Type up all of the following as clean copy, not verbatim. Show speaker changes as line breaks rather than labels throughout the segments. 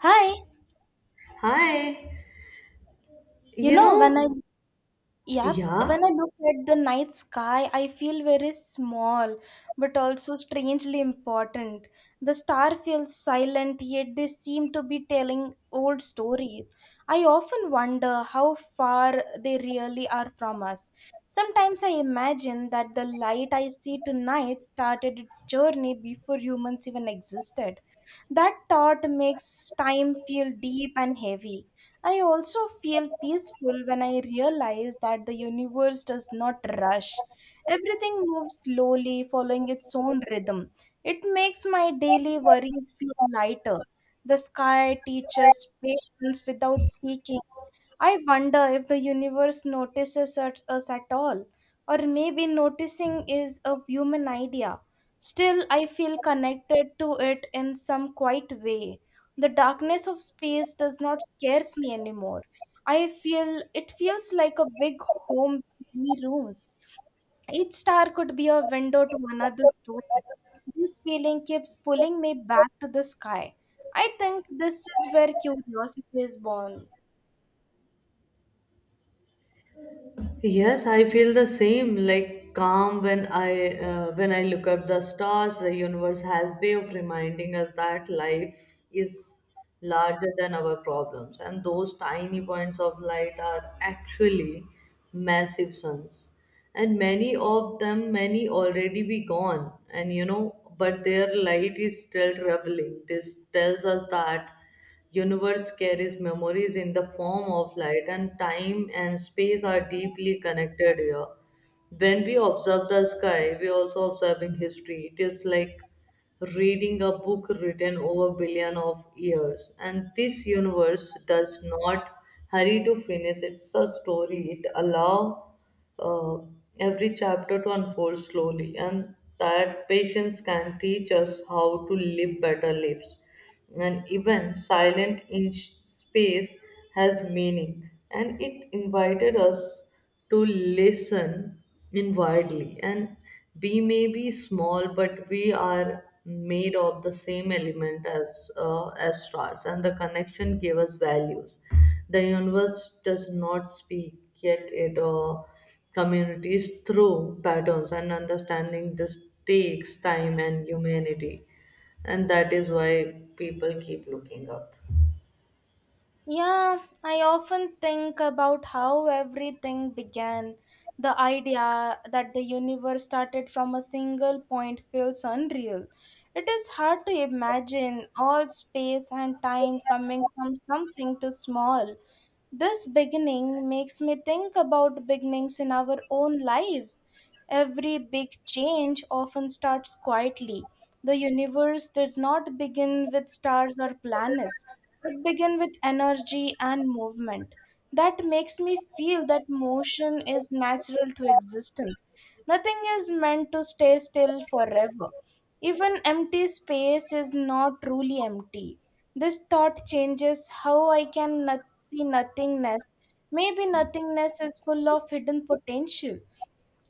Hi,
Hi,
you
you
know, when I,
know,
yep,
yeah,
when I look at the night sky, I feel very small, but also strangely important. The star feels silent, yet they seem to be telling old stories. I often wonder how far they really are from us. Sometimes I imagine that the light I see tonight started its journey before humans even existed. That thought makes time feel deep and heavy. I also feel peaceful when I realize that the universe does not rush. Everything moves slowly, following its own rhythm. It makes my daily worries feel lighter. The sky teaches patience without speaking. I wonder if the universe notices us at all, or maybe noticing is a human idea. Still, I feel connected to it in some quiet way. The darkness of space does not scare me anymore. I feel it feels like a big home with many rooms. Each star could be a window to another story. This feeling keeps pulling me back to the sky. I think this is where curiosity is born.
yes, I feel the same. Like calm when I look up the stars. The universe has way of reminding us that life is larger than our problems, and those tiny points of light are actually massive suns. And many of them, many already be gone, and you know, but their light is still traveling. This tells us that universe carries memories in the form of light, and time and space are deeply connected here. When we observe the sky we also observing history. It is like reading a book written over billion of years, and this universe does not hurry to finish it's a story. It allow uh, every chapter to unfold slowly, and that patience can teach us how to live better lives. And even silent inch space has meaning, and it invited us to listen inwardly. And we may be small, but we are made of the same element as stars, and the connection gave us values. The universe does not speak, yet it communities through patterns, and understanding this takes time and humanity. And that is why people keep looking up.
Yeah, I often think about how everything began. The idea that the universe started from a single point feels unreal. It is hard to imagine all space and time coming from something too small. This beginning makes me think about beginnings in our own lives. Every big change often starts quietly. The universe does not begin with stars or planets, it began with energy and movement. That makes me feel that motion is natural to existence. Nothing is meant to stay still forever. Even empty space is not truly empty. This thought changes how I can not see nothingness. Maybe nothingness is full of hidden potential.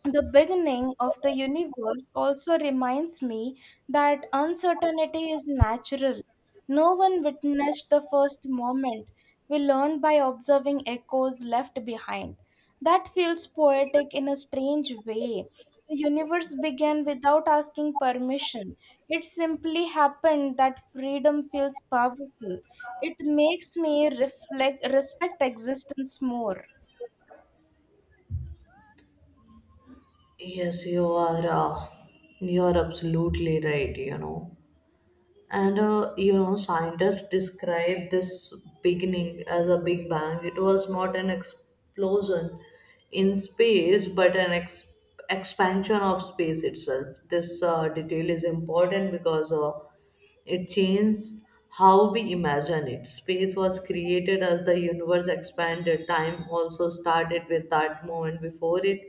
The beginning of the universe also reminds me that uncertainty is natural. No one witnessed the first moment. We learn by observing echoes left behind. That feels poetic in a strange way. The universe began without asking permission. It simply happened that freedom feels powerful. It makes me reflect, respect existence more.
Yes, you are. You are absolutely right. You know, and you know, scientists describe this beginning as a big bang. It was not an explosion in space, but an expansion of space itself. This detail is important because it changed how we imagine it. Space was created as the universe expanded. Time also started with that moment. Before it,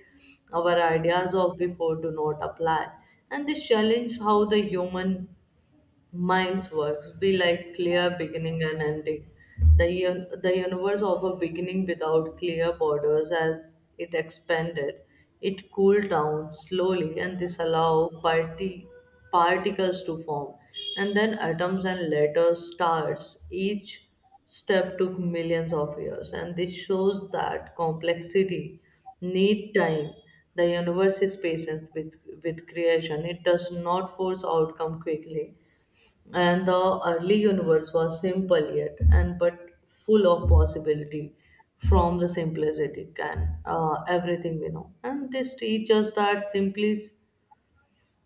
our ideas of before do not apply. And this challenge how the human mind's works be like clear beginning and ending. The universe of a beginning without clear borders as it expanded. It cooled down slowly, and this allowed particles to form. And then atoms and later stars. Each step took millions of years. And this shows that complexity need time. The universe is patient with, creation. It does not force outcome quickly, and the early universe was simple yet and but full of possibility. From the simplicity can everything we know, and this teaches us that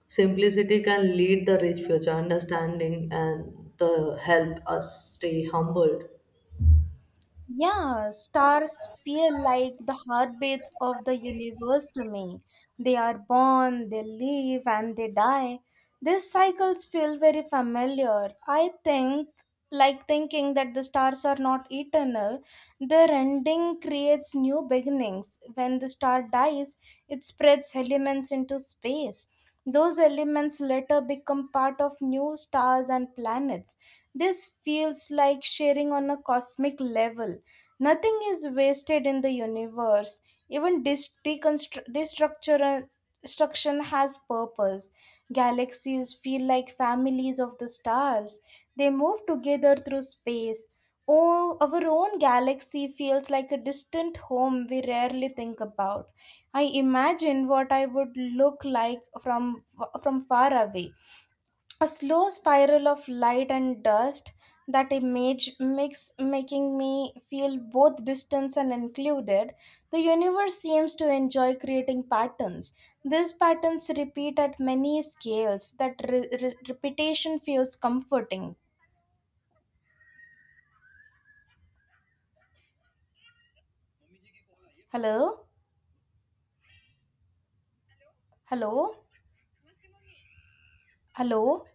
simplicity can lead the rich future understanding, and the help us stay humbled.
Yeah, stars feel like the heartbeats of the universe to me. They are born, they live, and they die. These cycles feel very familiar. I think, like thinking that the stars are not eternal, their ending creates new beginnings. When the star dies, it spreads elements into space. Those elements later become part of new stars and planets. This feels like sharing on a cosmic level. Nothing is wasted in the universe. Even destruction has purpose. Galaxies feel like families of the stars. They move together through space. Oh, our own galaxy feels like a distant home we rarely think about. I imagine what I would look like from far away. A slow spiral of light and dust. That image makes making me feel both distance and included. The universe seems to enjoy creating patterns. These patterns repeat at many scales. That repetition feels comforting. Hello, hello, hello.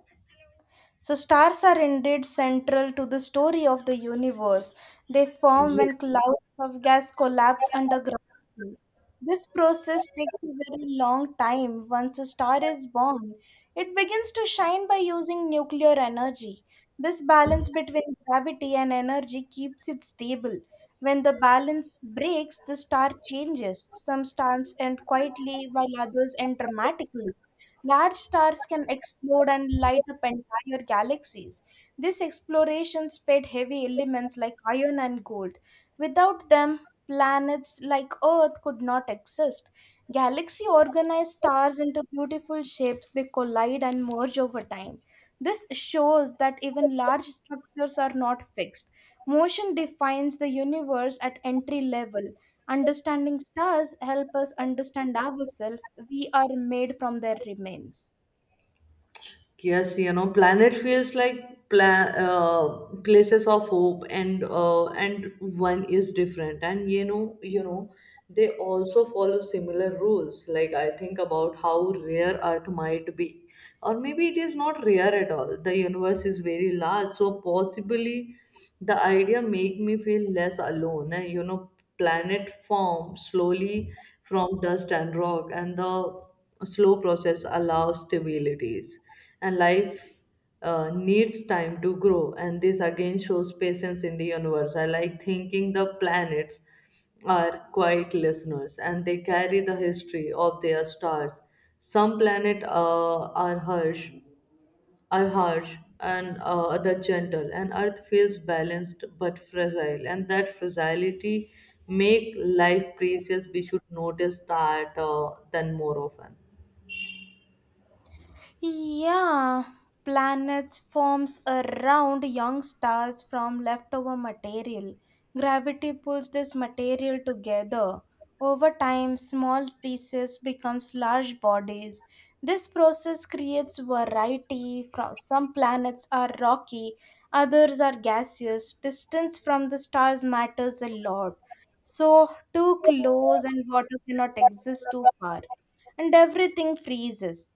So, stars are indeed central to the story of the universe. They form when clouds of gas collapse under gravity. This process takes a very long time. Once a star is born, it begins to shine by using nuclear energy. This balance between gravity and energy keeps it stable. When the balance breaks, the star changes. Some stars end quietly, while others end dramatically. Large stars can explode and light up entire galaxies. This exploration spread heavy elements like iron and gold. Without them, planets like Earth could not exist. Galaxy organize stars into beautiful shapes, they collide and merge over time. This shows that even large structures are not fixed. Motion defines the universe at entry level. Understanding stars help us understand ourselves. We are made from their remains.
Yes, you know, planet feels like places of hope, and and one is different, and you know, they also follow similar rules. Like I think about how rare Earth might be, or maybe it is not rare at all. The universe is very large, so possibly the idea make me feel less alone. And you know, planet form slowly from dust and rock, and the slow process allows stabilities, and life needs time to grow. And this again shows patience in the universe. I like thinking the planets are quiet listeners, and they carry the history of their stars. Some planet uh, are harsh are harsh, and other gentle. And earth feels balanced but fragile, and that fragility make life precious. We should notice that then more often.
Yeah, planets forms around young stars from leftover material. Gravity pulls this material together. Over time, small pieces becomes large bodies. This process creates variety. From some planets are rocky, others are gaseous. Distance from the stars matters a lot. So, too close and water cannot exist too far, and everything freezes.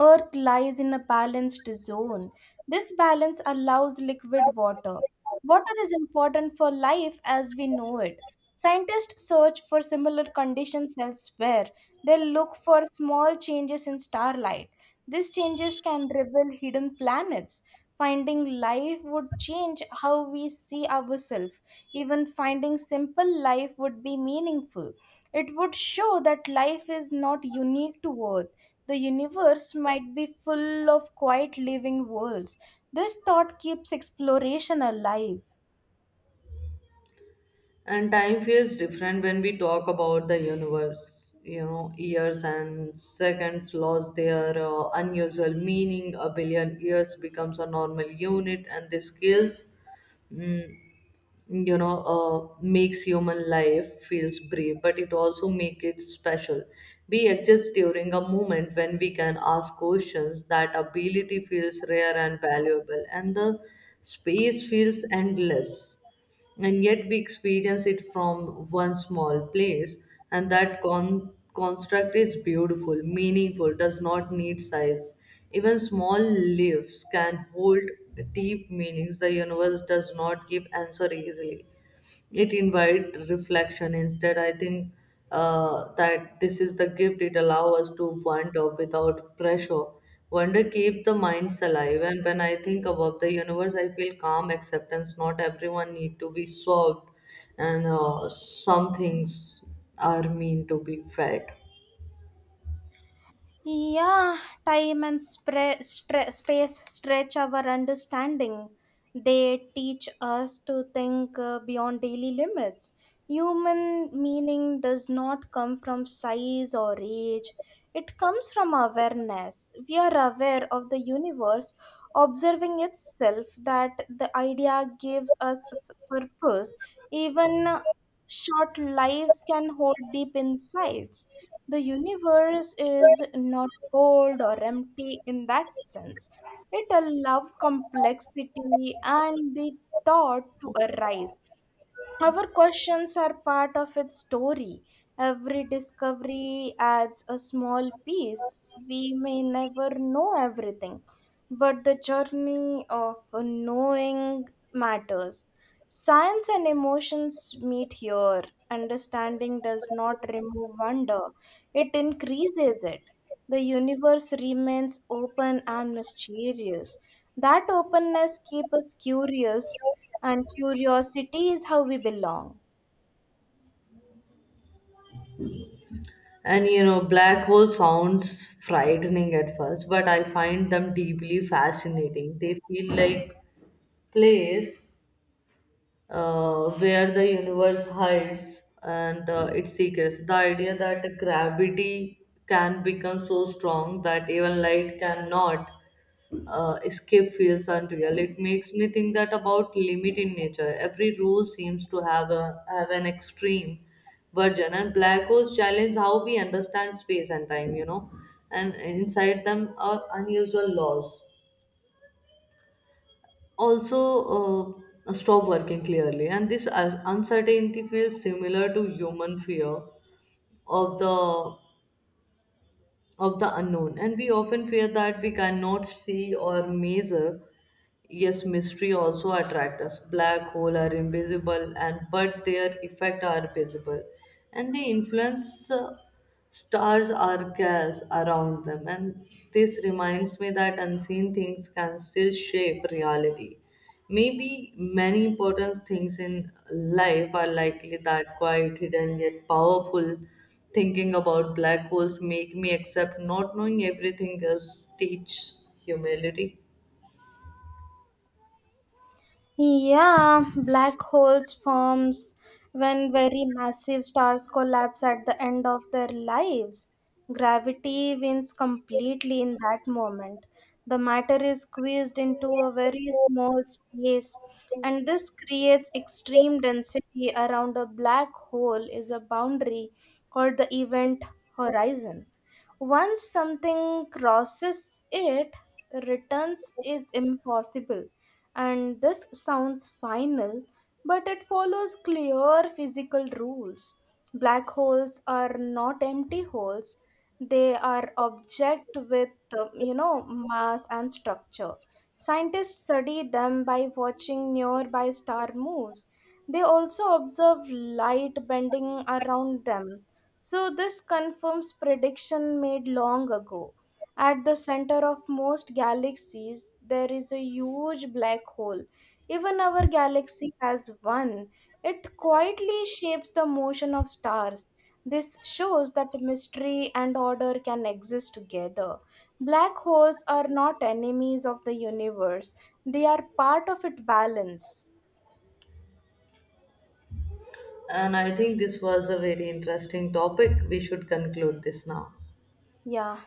Earth lies in a balanced zone. This balance allows liquid water. Water is important for life as we know it. Scientists search for similar conditions elsewhere. They look for small changes in starlight. These changes can reveal hidden planets. Finding life would change how we see ourselves. Even finding simple life would be meaningful. It would show that life is not unique to Earth. The universe might be full of quiet living worlds. This thought keeps exploration alive.
And time feels different when we talk about the universe. You know, years and seconds lost their unusual meaning. A billion years becomes a normal unit, and the scales, mm, you know, makes human life feels brief, but it also makes it special. We exist during a moment when we can ask questions. That ability feels rare and valuable. And the space feels endless, and yet we experience it from one small place. And that construct is beautiful. Meaningful does not need size. Even small leaves can hold deep meanings. The universe does not give answer easily. It invite reflection instead. I think that this is the gift. It allow us to wonder without pressure. Wonder keep the minds alive, and when I think about the universe I feel calm acceptance. Not everyone need to be solved, and some things are mean to be felt.
Yeah, time and space stretch our understanding. They teach us to think beyond daily limits. Human meaning does not come from size or age, it comes from awareness. We are aware of the universe, observing itself, that the idea gives us purpose. Even short lives can hold deep insights. The universe is not cold or empty in that sense. It allows complexity and the thought to arise. Our questions are part of its story. Every discovery adds a small piece. We may never know everything, but the journey of knowing matters. Science and emotions meet here. Understanding does not remove wonder, it increases it. The universe remains open and mysterious. That openness keeps us curious, and curiosity is how we belong.
And you know, black hole sounds frightening at first, but I find them deeply fascinating. They feel like place where the universe hides and its secrets. The idea that gravity can become so strong that even light cannot escape feels unreal. It makes me think that about limit in nature. Every rule seems to have a have an extreme version, and black holes challenge how we understand space and time. You know, and inside them are unusual laws, also stop working clearly. And this uncertainty feels similar to human fear of the of the unknown, and we often fear that we cannot see or measure. Yes, mystery also attract us. Black hole are invisible, and but their effect are visible, and they influence stars or gas around them. And this reminds me that unseen things can still shape reality. Maybe many important things in life are likely that quite hidden yet powerful. Thinking about black holes make me accept not knowing everything is teach humility.
Yeah, black holes forms when very massive stars collapse at the end of their lives. Gravity wins completely in that moment. The matter is squeezed into a very small space, and this creates extreme density around a black hole. Is a boundary called the event horizon. Once something crosses it, returns is impossible. And this sounds final, but it follows clear physical rules. Black holes are not empty holes. They are object with, mass and structure. Scientists study them by watching nearby star moves. They also observe light bending around them. So this confirms prediction made long ago. At the center of most galaxies, there is a huge black hole. Even our galaxy has one. It quietly shapes the motion of stars. This shows that mystery and order can exist together. Black holes are not enemies of the universe, they are part of its balance.
And I think this was a very interesting topic. We should conclude this now.
Yeah.